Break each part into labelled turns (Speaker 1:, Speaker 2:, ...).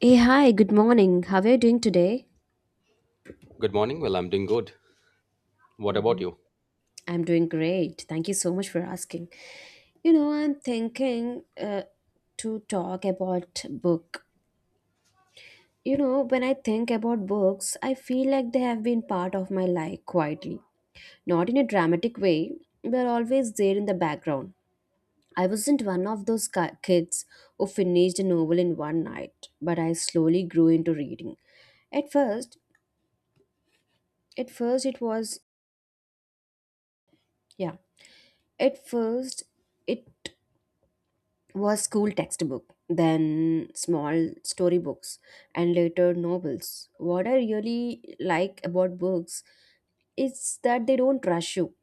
Speaker 1: Hey, hi, good morning. How are you doing today?
Speaker 2: Good morning. Well, I'm doing good. What
Speaker 1: Hmm.
Speaker 2: about you?
Speaker 1: I'm doing great. Thank you so much for asking. You know, I'm thinking to talk about book. You know, when I think about books, I feel like they have been part of my life quietly. Not in a dramatic way, they're always there in the background. I wasn't one of those kids who finished a novel in one night, but I slowly grew into reading. At first, at first it was yeah At first, it was school textbook, then small storybooks, and later novels. What I really like about books is that they don't rush you.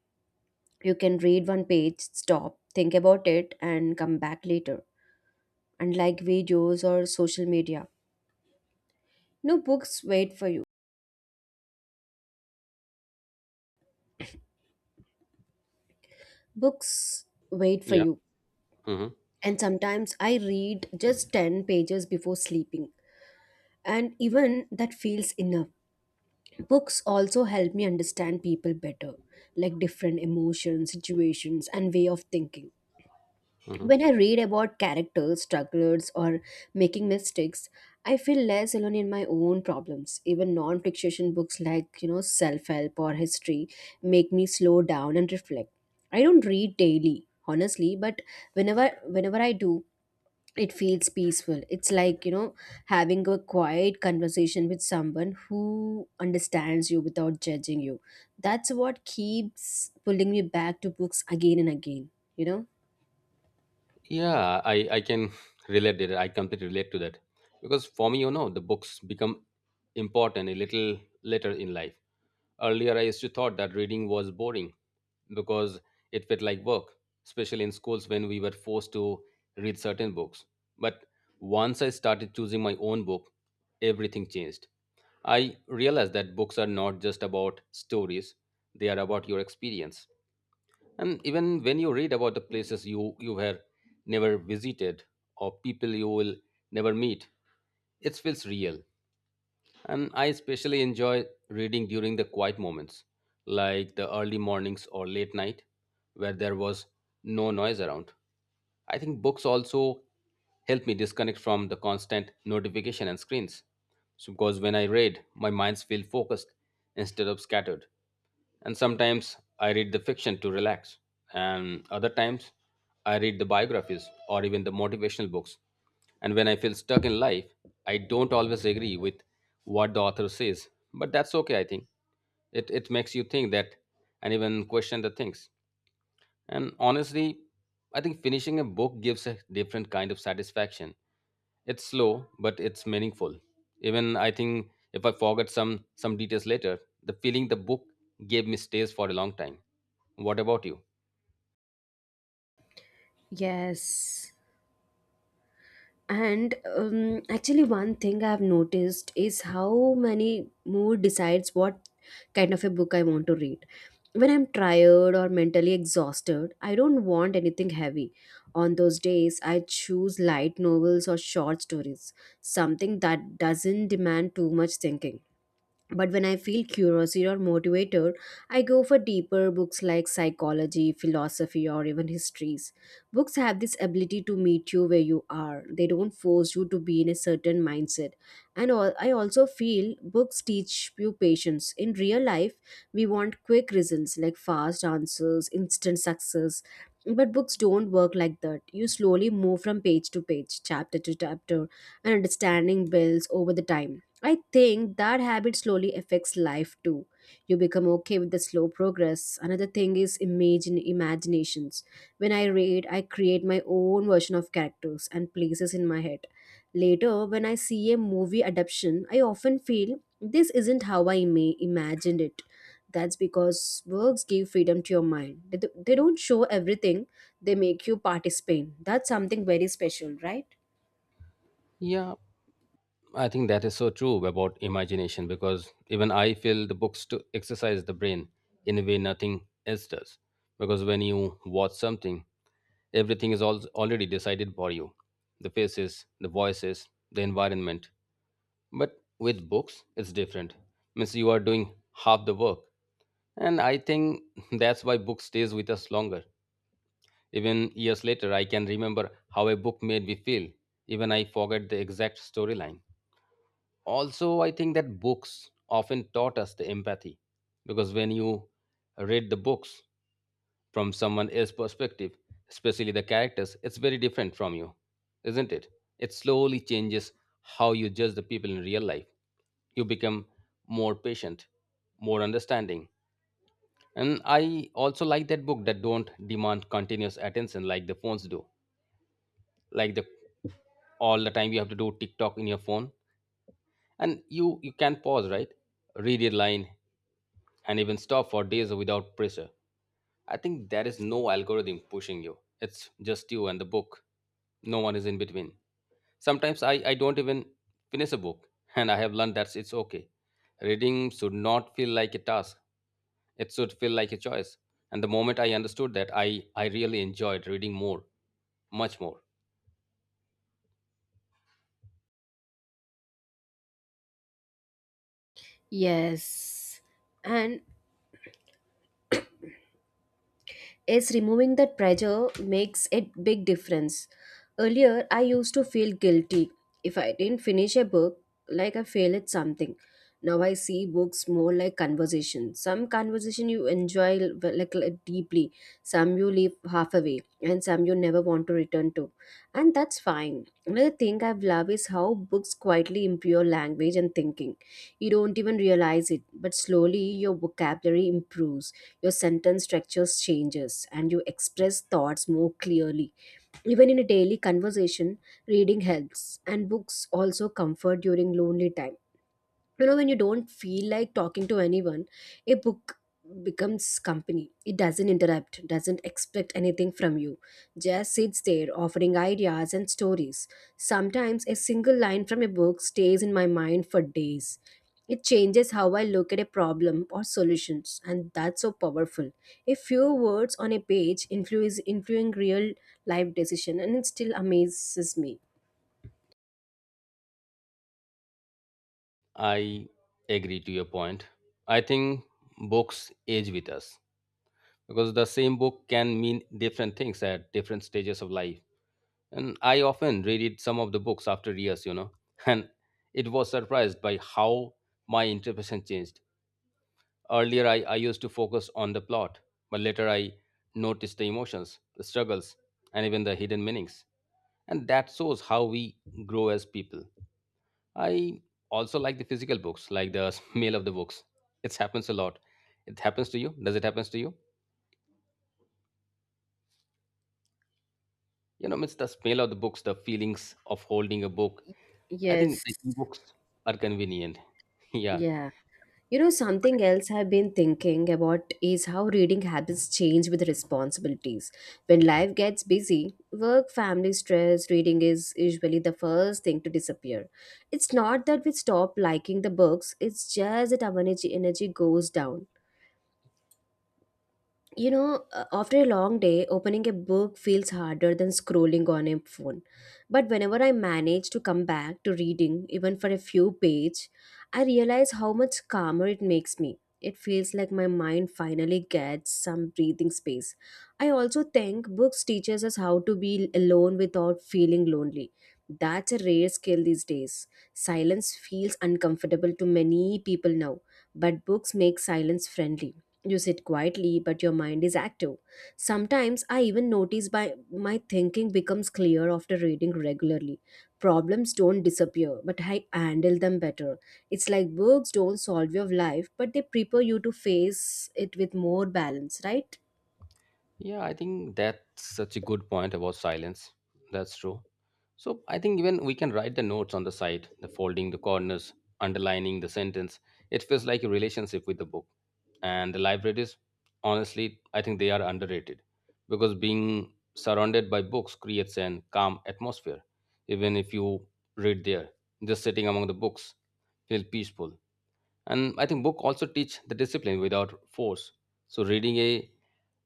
Speaker 1: You can read one page, stop, think about it, and come back later. Unlike videos or social media, no books wait for you. Books wait for
Speaker 2: Yeah.
Speaker 1: you.
Speaker 2: hmm
Speaker 1: And sometimes I read just 10 pages before sleeping, and even that feels enough. Books also help me understand people better, like different emotions, situations, and way of thinking.
Speaker 2: hmm
Speaker 1: When I read about characters, strugglers, or making mistakes, I feel less alone in my own problems. Even non-fiction books like self-help or history make me slow down and reflect. I don't read daily, honestly, but whenever I do, it feels peaceful it's like you know Having a quiet conversation with someone who understands you without judging you, that's what keeps pulling me back to books again and again you know
Speaker 2: Yeah, I can relate to that. I completely relate to that. Because for me, you know, the books become important a little later in life. Earlier, I used to thought that reading was boring because it felt like work, especially in schools when we were forced to read certain books. But once I started choosing my own book, everything changed. I realized that books are not just about stories, they are about your experience. And even when you read about the places you were never visited or people you will never meet, it feels real. And I especially enjoy reading during the quiet moments, like the early mornings or late night, where there was no noise around. I think books also help me disconnect from the constant notification and screens. So because when I read, my mind's feel focused instead of scattered, and sometimes I read the fiction to relax, and other times I read the biographies or even the motivational books. And when I feel stuck in life, I don't always agree with what the author says, but that's okay, I think. It makes you think that and even question the things. And honestly, I think finishing a book gives a different kind of satisfaction. It's slow, but it's meaningful. Even I think if I forget some details later, the feeling the book gave me stays for a long time. What about you?
Speaker 1: Yes. And actually, one thing I've noticed is how many mood decides what kind of a book I want to read. When I'm tired or mentally exhausted, I don't want anything heavy. On those days, I choose light novels or short stories, something that doesn't demand too much thinking. But when I feel curiosity or motivated, I go for deeper books like psychology, philosophy, or even histories. Books have this ability to meet you where you are, they don't force you to be in a certain mindset. And I also feel books teach you patience. In real life, we want quick results like fast answers, instant success. But books don't work like that. You slowly move from page to page, chapter to chapter, and understanding builds over the time. I think that habit slowly affects life too. You become okay with the slow progress. Another thing is imagine imaginations. When I read, I create my own version of characters and places in my head. Later, when I see a movie adaptation, I often feel this isn't how I may imagined it. That's because works give freedom to your mind. They don't show everything, they make you participate. That's something very special, right?
Speaker 2: Yeah, I think that is so true about imagination because even I feel the books to exercise the brain in a way nothing else does. Because when you watch something, everything is already decided for you, the faces, the voices, the environment. But with books, it's different. Means you are doing half the work. And I think that's why book stays with us longer. Even years later, I can remember how a book made me feel. Even I forget the exact storyline. Also, I think that books often taught us the empathy because when you read the books from someone else's perspective, especially the characters, it's very different from you, isn't it? It slowly changes how you judge the people in real life. You become more patient, more understanding. And I also like that book that don't demand continuous attention like the phones do. Like the all the time you have to do TikTok in your phone. And you can pause, right? Read a line and even stop for days without pressure. I think there is no algorithm pushing you. It's just you and the book. No one is in between. Sometimes I don't even finish a book, and I have learned that it's okay. Reading should not feel like a task, it should feel like a choice. And the moment I understood that, I really enjoyed reading more, much more.
Speaker 1: Yes. And is removing that pressure makes a big difference. Earlier, I used to feel guilty if I didn't finish a book, like I failed at something. Now I see books more like conversation. Some conversation you enjoy like deeply, some you leave half away, and some you never want to return to, and that's fine. Another thing I've loved is how books quietly improve your language and thinking. You don't even realize it, but slowly your vocabulary improves, your sentence structure changes and you express thoughts more clearly. Even in a daily conversation, reading helps, and books also comfort during lonely time when you don't feel like talking to anyone. A book becomes company, it doesn't interrupt, doesn't expect anything from you, just sits there offering ideas and stories. Sometimes a single line from a book stays in my mind for days, it changes how I look at a problem or solutions and that's so powerful. A few words on a page influence influencing real life decision and it still amazes me.
Speaker 2: I agree to your point. I think books age with us because the same book can mean different things at different stages of life. And I often reread some of the books after years, you know, and it was surprised by how my interpretation changed. Earlier, I used to focus on the plot, but later I noticed the emotions, the struggles, and even the hidden meanings. And that shows how we grow as people. I also like the physical books, like the smell of the books. It happens a lot. It happens to you? Does it happens to you? You know, it's the smell of the books, the feelings of holding a book. I think
Speaker 1: Yes.
Speaker 2: the e-books are convenient. Yeah.
Speaker 1: Yeah. You know, something else I've been thinking about is how reading habits change with responsibilities. When life gets busy, work, family stress, reading is usually the first thing to disappear. It's not that we stop liking the books, it's just that our energy goes down. You know, after a long day, opening a book feels harder than scrolling on a phone. But whenever I manage to come back to reading, even for a few pages, I realize how much calmer it makes me. It feels like my mind finally gets some breathing space. I also think books teaches us how to be alone without feeling lonely. That's a rare skill these days. Silence feels uncomfortable to many people now, but books make silence friendly, you sit quietly, but your mind is active. Sometimes I even notice by my thinking becomes clear after reading regularly. Problems don't disappear, but I handle them better. It's like books don't solve your life, but they prepare you to face it with more balance, right?
Speaker 2: Yeah, I think that's such a good point about silence. That's true. So I think even we can write the notes on the side, the folding the corners, underlining the sentence. It feels like a relationship with the book. And the libraries, honestly, I think they are underrated because being surrounded by books creates an calm atmosphere. Even if you read there, just sitting among the books, feel peaceful. And I think book also teach the discipline without force. So reading a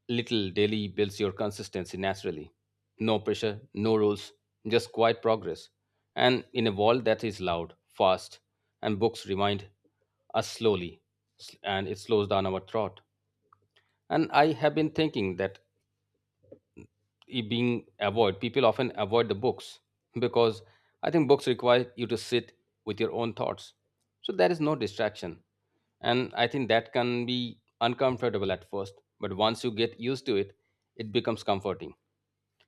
Speaker 2: little daily builds your consistency naturally. No pressure, no rules, just quiet progress. And in a world that is loud, fast, and books remind us slowly, and it slows down our thought. And I have been thinking that people often avoid the books because I think books require you to sit with your own thoughts. So there is no distraction. And I think that can be uncomfortable at first, but once you get used to it, it becomes comforting.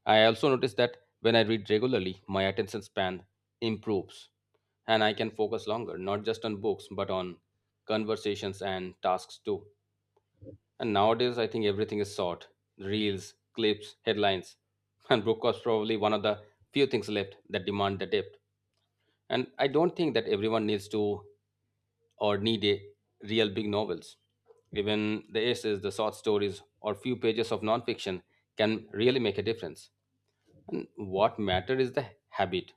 Speaker 2: I also notice that when I read regularly, my attention span improves and I can focus longer, not just on books, but on conversations and tasks too. And nowadays, I think everything is short, reels, clips, headlines, and broadcast probably one of the few things left that demand the depth. And I don't think that everyone needs to or need a real big novels. Even the essays, the short stories, or few pages of nonfiction can really make a difference. And what matter is the habit.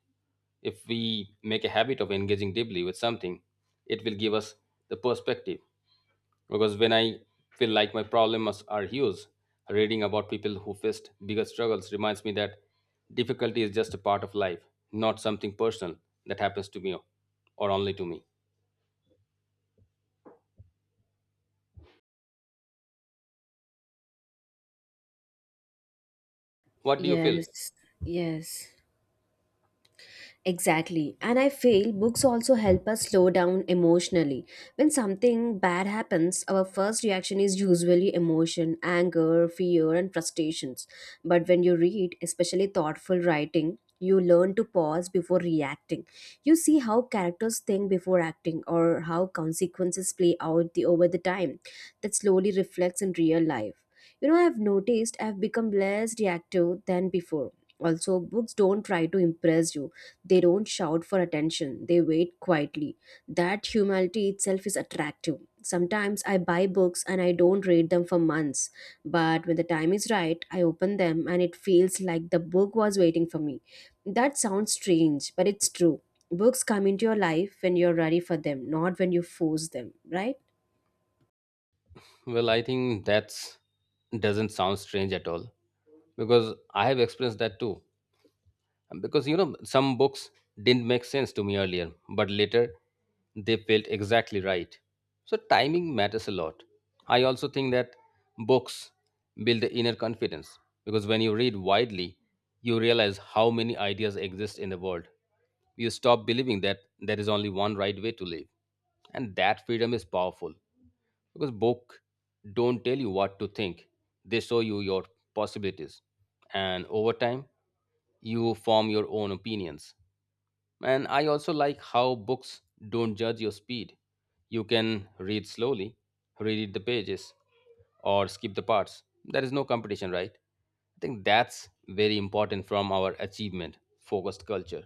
Speaker 2: If we make a habit of engaging deeply with something, it will give us the perspective. Because when I feel like my problems are huge, reading about people who faced bigger struggles reminds me that difficulty is just a part of life, not something personal that happens to me or only to me. What do you feel?
Speaker 1: Yes, yes. Exactly. And I feel books also help us slow down emotionally. When something bad happens, our first reaction is usually emotion, anger, fear, and frustrations. But when you read, especially thoughtful writing, you learn to pause before reacting. You see how characters think before acting or how consequences play out over the time. That slowly reflects in real life. You know, I've noticed I've become less reactive than before. Also, books don't try to impress you, they don't shout for attention, they wait quietly. That humility itself is attractive. Sometimes I buy books and I don't read them for months, but when the time is right, I open them and it feels like the book was waiting for me. That sounds strange, but it's true. Books come into your life when you're ready for them, not when you force them, right?
Speaker 2: Well, I think that's doesn't sound strange at all because I have experienced that too. Because you know some books didn't make sense to me earlier but later they felt exactly right, so timing matters a lot. I also think that books build the inner confidence because when you read widely you realize how many ideas exist in the world. You stop believing that there is only one right way to live and that freedom is powerful, because book don't tell you what to think, they show you your possibilities. And over time you form your own opinions. And I also like how books don't judge your speed. You can read slowly, read the pages, or skip the parts, there is no competition, right? I think that's very important from our achievement focused culture.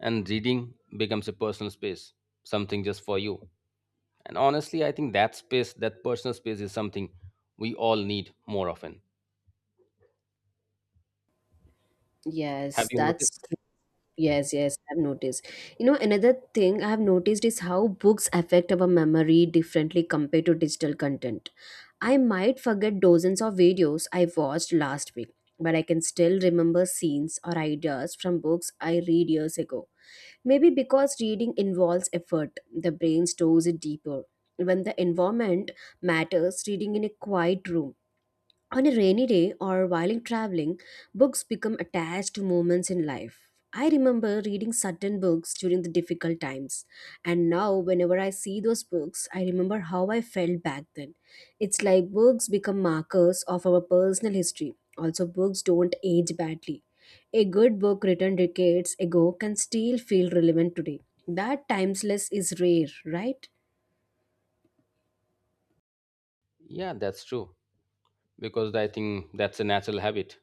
Speaker 2: And reading becomes a personal space, something just for you. And honestly, I think that space, that personal space is something we all need more often. Have
Speaker 1: Yes,
Speaker 2: you noticed?
Speaker 1: that's true. Yes, yes, I've noticed. You know, another thing I've noticed is how books affect our memory differently compared to digital content. I might forget dozens of videos I watched last week, but I can still remember scenes or ideas from books I read years ago. Maybe because reading involves effort, the brain stores it deeper. When the environment matters, reading in a quiet room on a rainy day or while in traveling, books become attached to moments in life. I remember reading certain books during the difficult times, and now whenever I see those books, I remember how I felt back then. It's like books become markers of our personal history. Also, books don't age badly. A good book written decades ago can still feel relevant today. That timeless is rare, right?
Speaker 2: Yeah, that's true. Because I think that's a natural habit.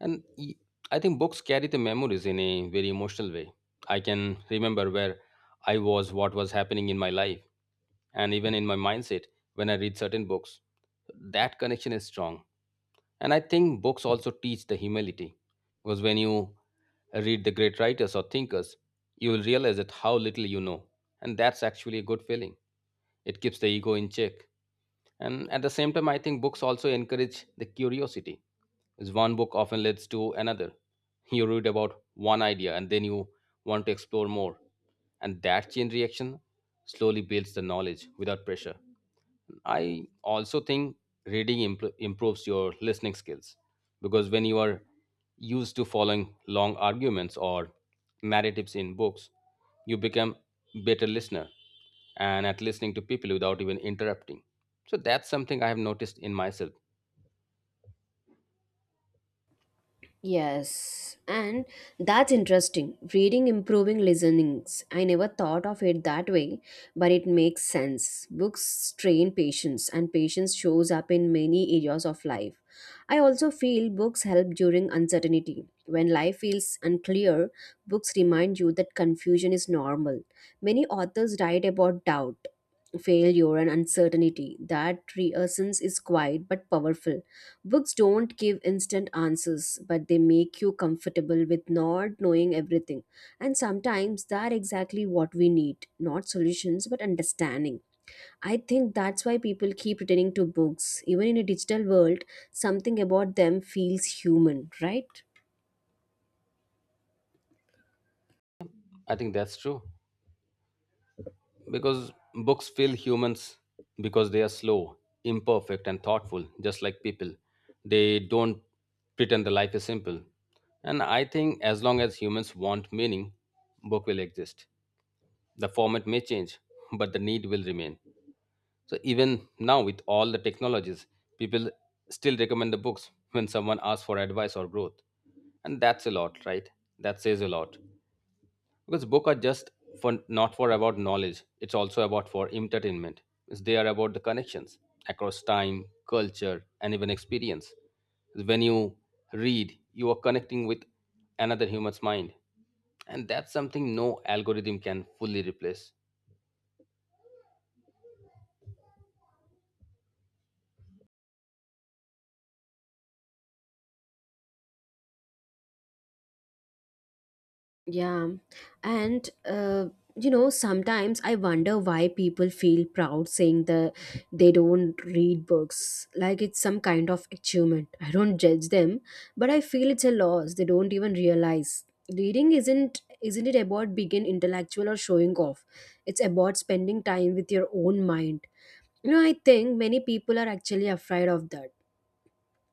Speaker 2: And I think books carry the memories in a very emotional way. I can remember where I was, what was happening in my life, and even in my mindset when I read certain books. That connection is strong. And I think books also teach the humility. Because when you read the great writers or thinkers, you will realize that how little you know. And that's actually a good feeling. It keeps the ego in check. And at the same time, I think books also encourage the curiosity. Because one book often leads to another. You read about one idea and then you want to explore more. And that chain reaction slowly builds the knowledge without pressure. I also think reading improves your listening skills because when you are used to following long arguments or narratives in books, you become better listener and at listening to people without even interrupting. So that's something I have noticed in myself.
Speaker 1: Yes, and that's interesting. Reading improving listenings. I never thought of it that way, but it makes sense. Books train patience, and patience shows up in many areas of life. I also feel books help during uncertainty. When life feels unclear, books remind you that confusion is normal. Many authors write about doubt, failure, and uncertainty. That reassurance is quiet but powerful. Books don't give instant answers, but they make you comfortable with not knowing everything. And sometimes that's exactly what we need, not solutions, but understanding. I think that's why people keep returning to books. Even in a digital world, something about them feels human, right?
Speaker 2: I think that's true. Because books feel humans because they are slow, imperfect, and thoughtful, just like people. They don't pretend the life is simple. And I think as long as humans want meaning, book will exist. The format may change, but the need will remain. So even now, with all the technologies, people still recommend the books when someone asks for advice or growth. And that's a lot, right? That says a lot because book are just for not for about knowledge, it's also about for entertainment. It's they are about the connections across time, culture, and even experience. When you read you are connecting with another human's mind, and that's something no algorithm can fully replace.
Speaker 1: Yeah. And, you know, sometimes I wonder why people feel proud saying that they don't read books. Like it's some kind of achievement. I don't judge them, but I feel it's a loss. They don't even realize. Reading isn't it about being intellectual or showing off, it's about spending time with your own mind. You know, I think many people are actually afraid of that.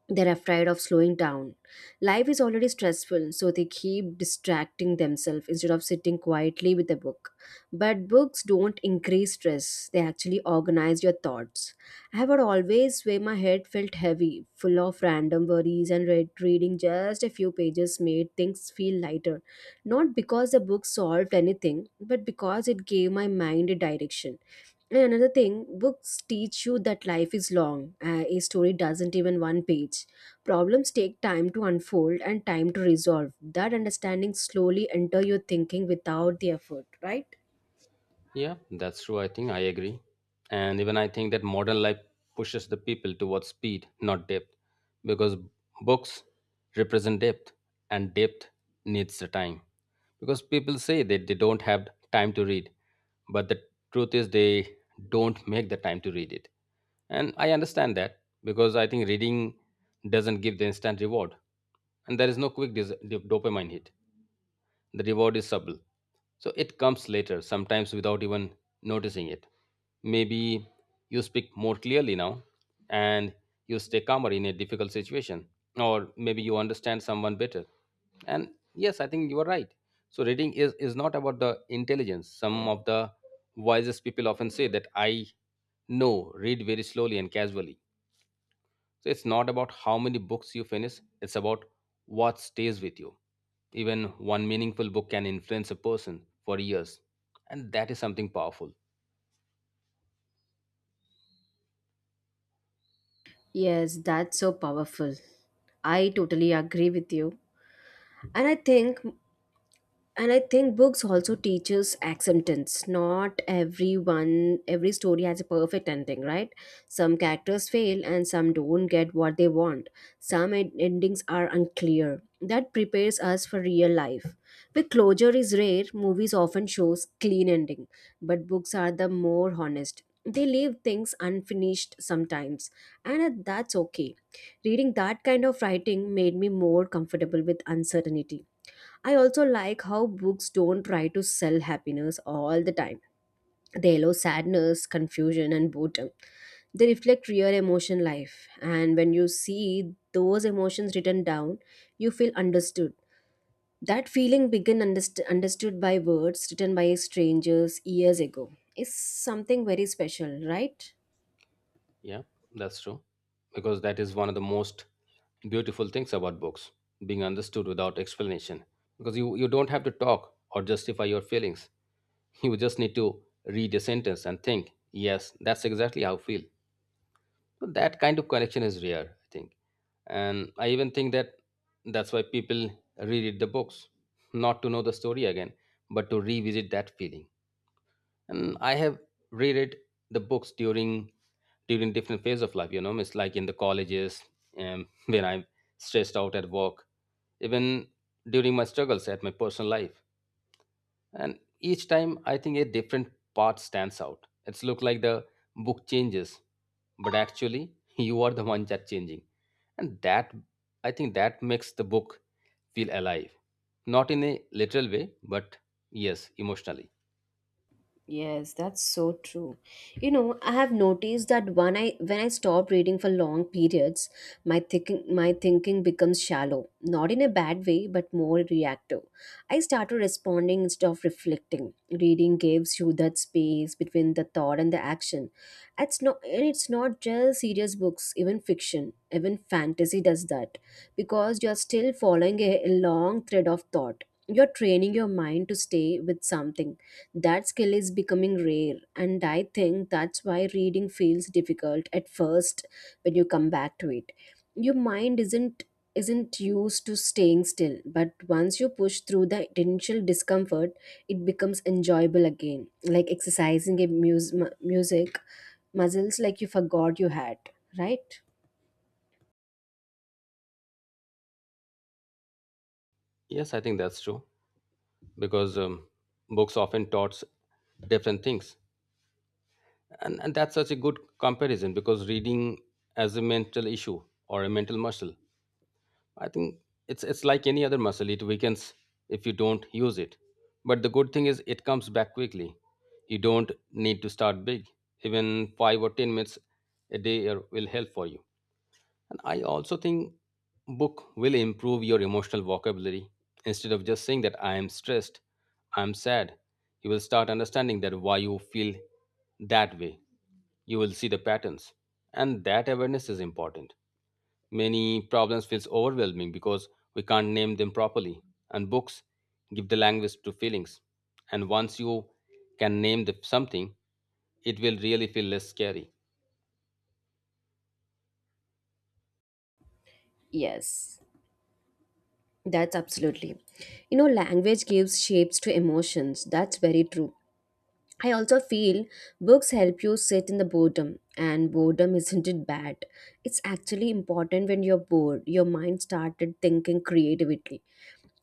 Speaker 1: They're afraid of slowing down. Life is already stressful, so they keep distracting themselves instead of sitting quietly with a book. But books don't increase stress, they actually organize your thoughts. I have had always where my head felt heavy, full of random worries, and reading just a few pages made things feel lighter. Not because the book solved anything, but because it gave my mind a direction. And another thing, books teach you that life is long. A story doesn't even one page. Problems take time to unfold and time to resolve. That understanding slowly enter your thinking without the effort, right?
Speaker 2: Yeah, that's true. I think I agree. And even I think that modern life pushes the people towards speed, not depth, because books represent depth and depth needs the time. Because people say that they don't have time to read, but the truth is they don't make the time to read it. And I understand that because I think reading doesn't give the instant reward and there is no quick dopamine hit. The reward is subtle. So it comes later, sometimes without even noticing it. Maybe you speak more clearly now and you stay calmer in a difficult situation. Or maybe you understand someone better. And yes, I think you are right. So reading is not about the intelligence. Some of the wisest people often say that I know, read very slowly and casually, so it's not about how many books you finish, it's about what stays with you. Even one meaningful book can influence a person for years. And that is something powerful.
Speaker 1: Yes, that's so powerful. I totally agree with you. And I think and I think books also teaches acceptance, not everyone every story has a perfect ending, right? Some characters fail and some don't get what they want, some endings are unclear, that prepares us for real life with closure is rare. Movies often shows clean ending, but books are the more honest, they leave things unfinished sometimes, and that's okay. Reading that kind of writing made me more comfortable with uncertainty. I also like how books don't try to sell happiness all the time. They allow sadness, confusion, and boredom. They reflect real emotion life, and when you see those emotions written down, you feel understood. That feeling begun understood by words written by strangers years ago is something very special, right?
Speaker 2: Yeah, that's true. Because that is one of the most beautiful things about books being understood without explanation. Because you don't have to talk or justify your feelings. You just need to read a sentence and think, yes, that's exactly how I feel. So that kind of connection is rare, I think. And I even think that that's why people reread the books, not to know the story again, but to revisit that feeling. And I have reread the books during different phase of life, you know, it's like in the colleges, when I'm stressed out at work, even during my struggles at my personal life. And each time I think a different part stands out. It's look like the book changes, but actually you are the one that changing. And that, I think that makes the book feel alive, not in a literal way, but yes, emotionally.
Speaker 1: Yes, that's so true. You know, I have noticed that when I stop reading for long periods, my thinking becomes shallow, not in a bad way, but more reactive. I started responding instead of reflecting. Reading gives you that space between the thought and the action. It's not just serious books, even fiction, even fantasy does that because you're still following a long thread of thought. You're training your mind to stay with something. That skill is becoming rare, and I think that's why reading feels difficult at first when you come back to it. Your mind isn't used to staying still, but once you push through the initial discomfort, it becomes enjoyable again, like exercising a mus- mu- music muscles like you forgot you had, right?
Speaker 2: Yes, I think that's true. Because books often taught different things. And that's such a good comparison because reading as a mental issue or a mental muscle, I think it's like any other muscle. It weakens if you don't use it. But the good thing is it comes back quickly. You don't need to start big. Even 5 or 10 minutes a day are- will help for you. And I also think book will improve your emotional vocabulary. Instead of just saying that I am stressed, I am sad, you will start understanding that why you feel that way. You will see the patterns. And that awareness is important. Many problems feels overwhelming because we can't name them properly, and books give the language to feelings. And once you can name the something, it will really feel less scary.
Speaker 1: Yes, that's absolutely, you know, language gives shapes to emotions, that's very true. I also feel books help you sit in the boredom, and boredom isn't it bad. It's actually important when you're bored, your mind started thinking creatively.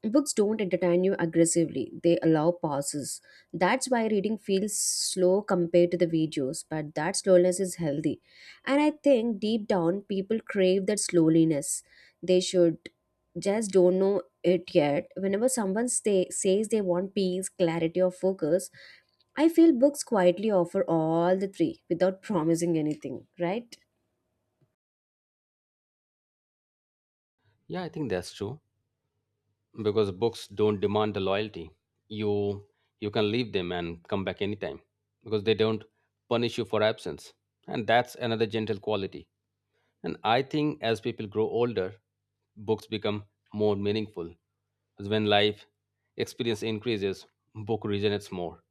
Speaker 1: Books don't entertain you aggressively, they allow pauses. That's why reading feels slow compared to the videos, but that slowness is healthy. And I think deep down, people crave that slowness. They should just don't know it yet. Whenever someone stay, says they want peace, clarity, or focus, I feel books quietly offer all the three without promising anything, right?
Speaker 2: Yeah, I think that's true because books don't demand the loyalty. You you can leave them and come back anytime because they don't punish you for absence. And that's another gentle quality. And I think as people grow older, books become more meaningful. As when life experience increases, book resonates more.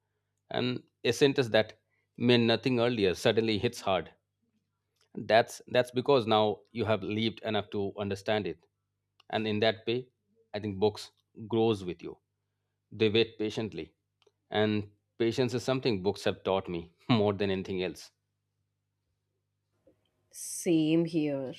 Speaker 2: And a sentence that meant nothing earlier suddenly hits hard. That's because now you have lived enough to understand it. And in that way, I think books grows with you. They wait patiently. And patience is something books have taught me more than anything else.
Speaker 1: Same here.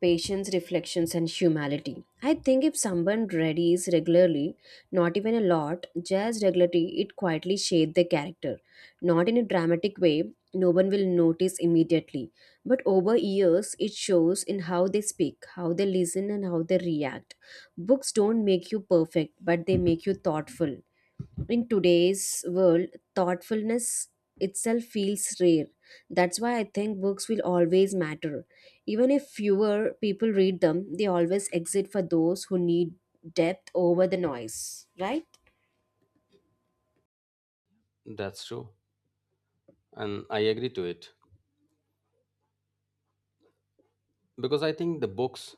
Speaker 1: Patience, reflections, and humility. I think if someone readies regularly, not even a lot, just regularly, it quietly shapes their character. Not in a dramatic way, no one will notice immediately. But over years, it shows in how they speak, how they listen, and how they react. Books don't make you perfect, but they make you thoughtful. In today's world, thoughtfulness itself feels rare. That's why I think books will always matter. Even if fewer people read them, they always exist for those who need depth over the noise, right?
Speaker 2: That's true. And I agree to it. Because I think the books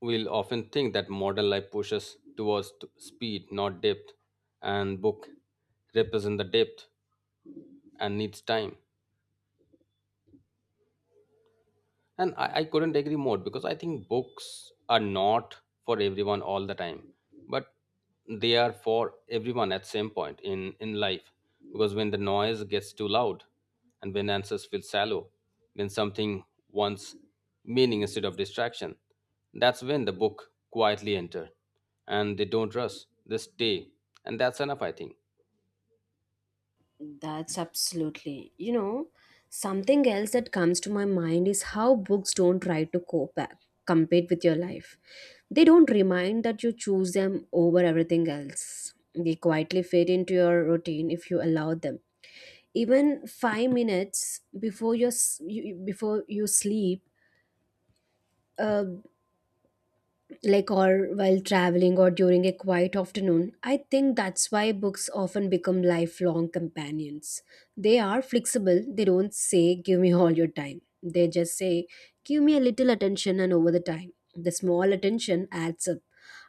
Speaker 2: We'll often think that modern life pushes towards t- speed, not depth, and book represent the depth and needs time. And I couldn't agree more because I think books are not for everyone all the time, but they are for everyone at same point in life. Because when the noise gets too loud and when answers feel shallow, when something wants meaning instead of distraction, that's when the book quietly enter and they don't rush, they stay. And that's enough, I think.
Speaker 1: That's absolutely, you know, something else that comes to my mind is how books don't try to cope compete with your life. They don't remind that you choose them over everything else. They quietly fit into your routine if you allow them, even 5 minutes before your before you sleep, uh, like, or while traveling or during a quiet afternoon. I think that's why books often become lifelong companions. They are flexible, they don't say, "Give me all your time." They just say, "Give me a little attention," and over the time, the small attention adds up.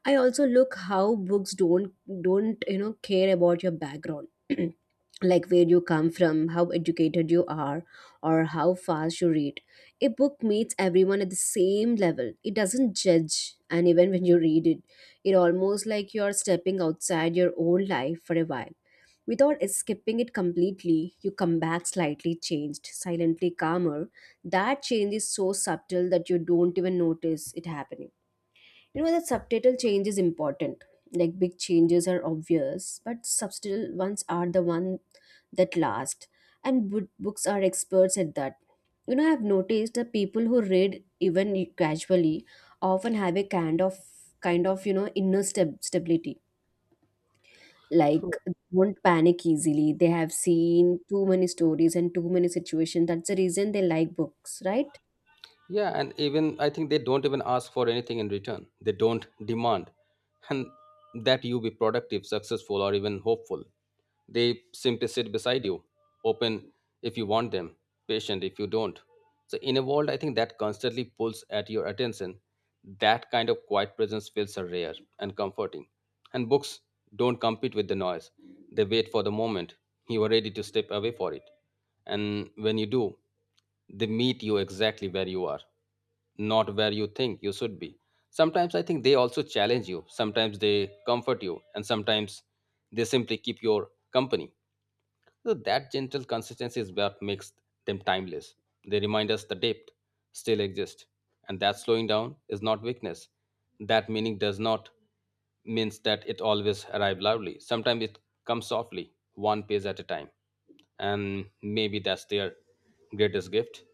Speaker 1: I also look how books don't, you know, care about your background. Like where you come from, how educated you are, or how fast you read. A book meets everyone at the same level. It doesn't judge, and even when you read it, it almost like you're stepping outside your own life for a while. Without escaping it completely, you come back slightly changed, silently calmer. That change is so subtle that you don't even notice it happening. You know, that subtitle change is important. Like big changes are obvious, but subtle ones are the one that last. And books are experts at that. You know, I've noticed that people who read even casually often have a kind of, you know, inner stability. Like they won't panic easily. They have seen too many stories and too many situations. That's the reason they like books, right?
Speaker 2: Yeah, and even I think they don't even ask for anything in return. They don't demand and that you be productive, successful, or even hopeful. They simply sit beside you, open if you want them, patient if you don't. So, in a world, I think that constantly pulls at your attention, that kind of quiet presence feels so rare and comforting. And books don't compete with the noise, they wait for the moment you are ready to step away for it. And when you do, they meet you exactly where you are, not where you think you should be. Sometimes I think they also challenge you, sometimes they comfort you, and sometimes they simply keep your company. So that gentle consistency is what makes them timeless. They remind us the depth still exists, and that slowing down is not weakness. That meaning does not means that it always arrives loudly. Sometimes it comes softly, one page at a time, and maybe that's their greatest gift.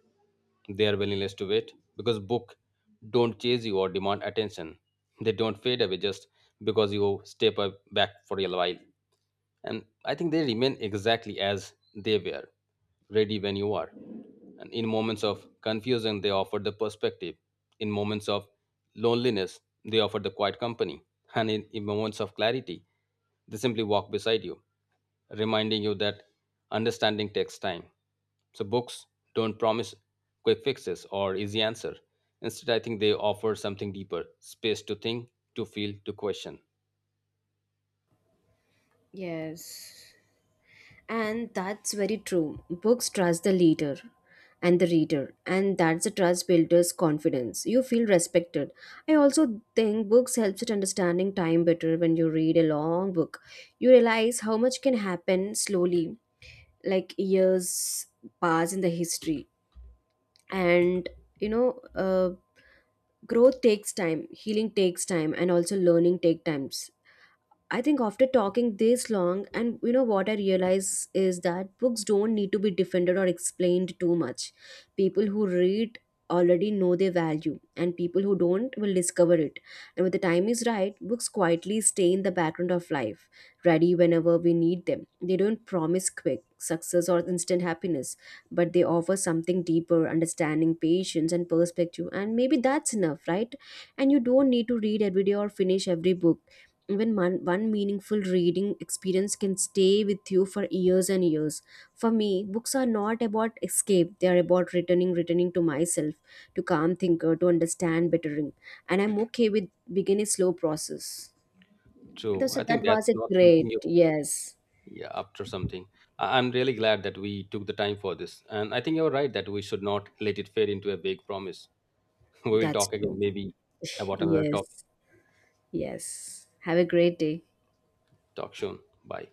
Speaker 2: They their willingness to wait, because book don't chase you or demand attention, they don't fade away just because you step up back for a while. And I think they remain exactly as they were, ready when you are. And in moments of confusion they offer the perspective, in moments of loneliness they offer the quiet company, and in moments of clarity they simply walk beside you, reminding you that understanding takes time. So books don't promise quick fixes or easy answer. Instead, I think they offer something deeper, space to think, to feel, to question.
Speaker 1: Yes. And that's very true. Books trust the leader and the reader, and that's the trust builder's confidence. You feel respected. I also think books helps at understanding time better when you read a long book. You realize how much can happen slowly, like years pass in the history. And, you know, growth takes time, healing takes time, and also learning take time. I think after talking this long, and you know what I realize is that books don't need to be defended or explained too much. People who read already know their value, and people who don't will discover it. And when the time is right, books quietly stay in the background of life, ready whenever we need them. They don't promise quick success or instant happiness, but they offer something deeper understanding, patience, and perspective. And maybe that's enough, right? And you don't need to read every day or finish every book. Even one meaningful reading experience can stay with you for years and years. For me, books are not about escape, they are about returning to myself, to calm thinker, to understand bettering, and I'm okay with begin a slow process.
Speaker 2: True,
Speaker 1: So
Speaker 2: I
Speaker 1: that
Speaker 2: think
Speaker 1: was
Speaker 2: that's
Speaker 1: a
Speaker 2: not something
Speaker 1: great.
Speaker 2: you.
Speaker 1: Yes,
Speaker 2: Yeah, after something, I- I'm really glad that we took the time for this, and I think you're right that we should not let it fade into a vague promise. We will
Speaker 1: that's
Speaker 2: talk again,
Speaker 1: true.
Speaker 2: maybe about another topic.
Speaker 1: Yes. Yes, have a great day.
Speaker 2: Talk soon, bye.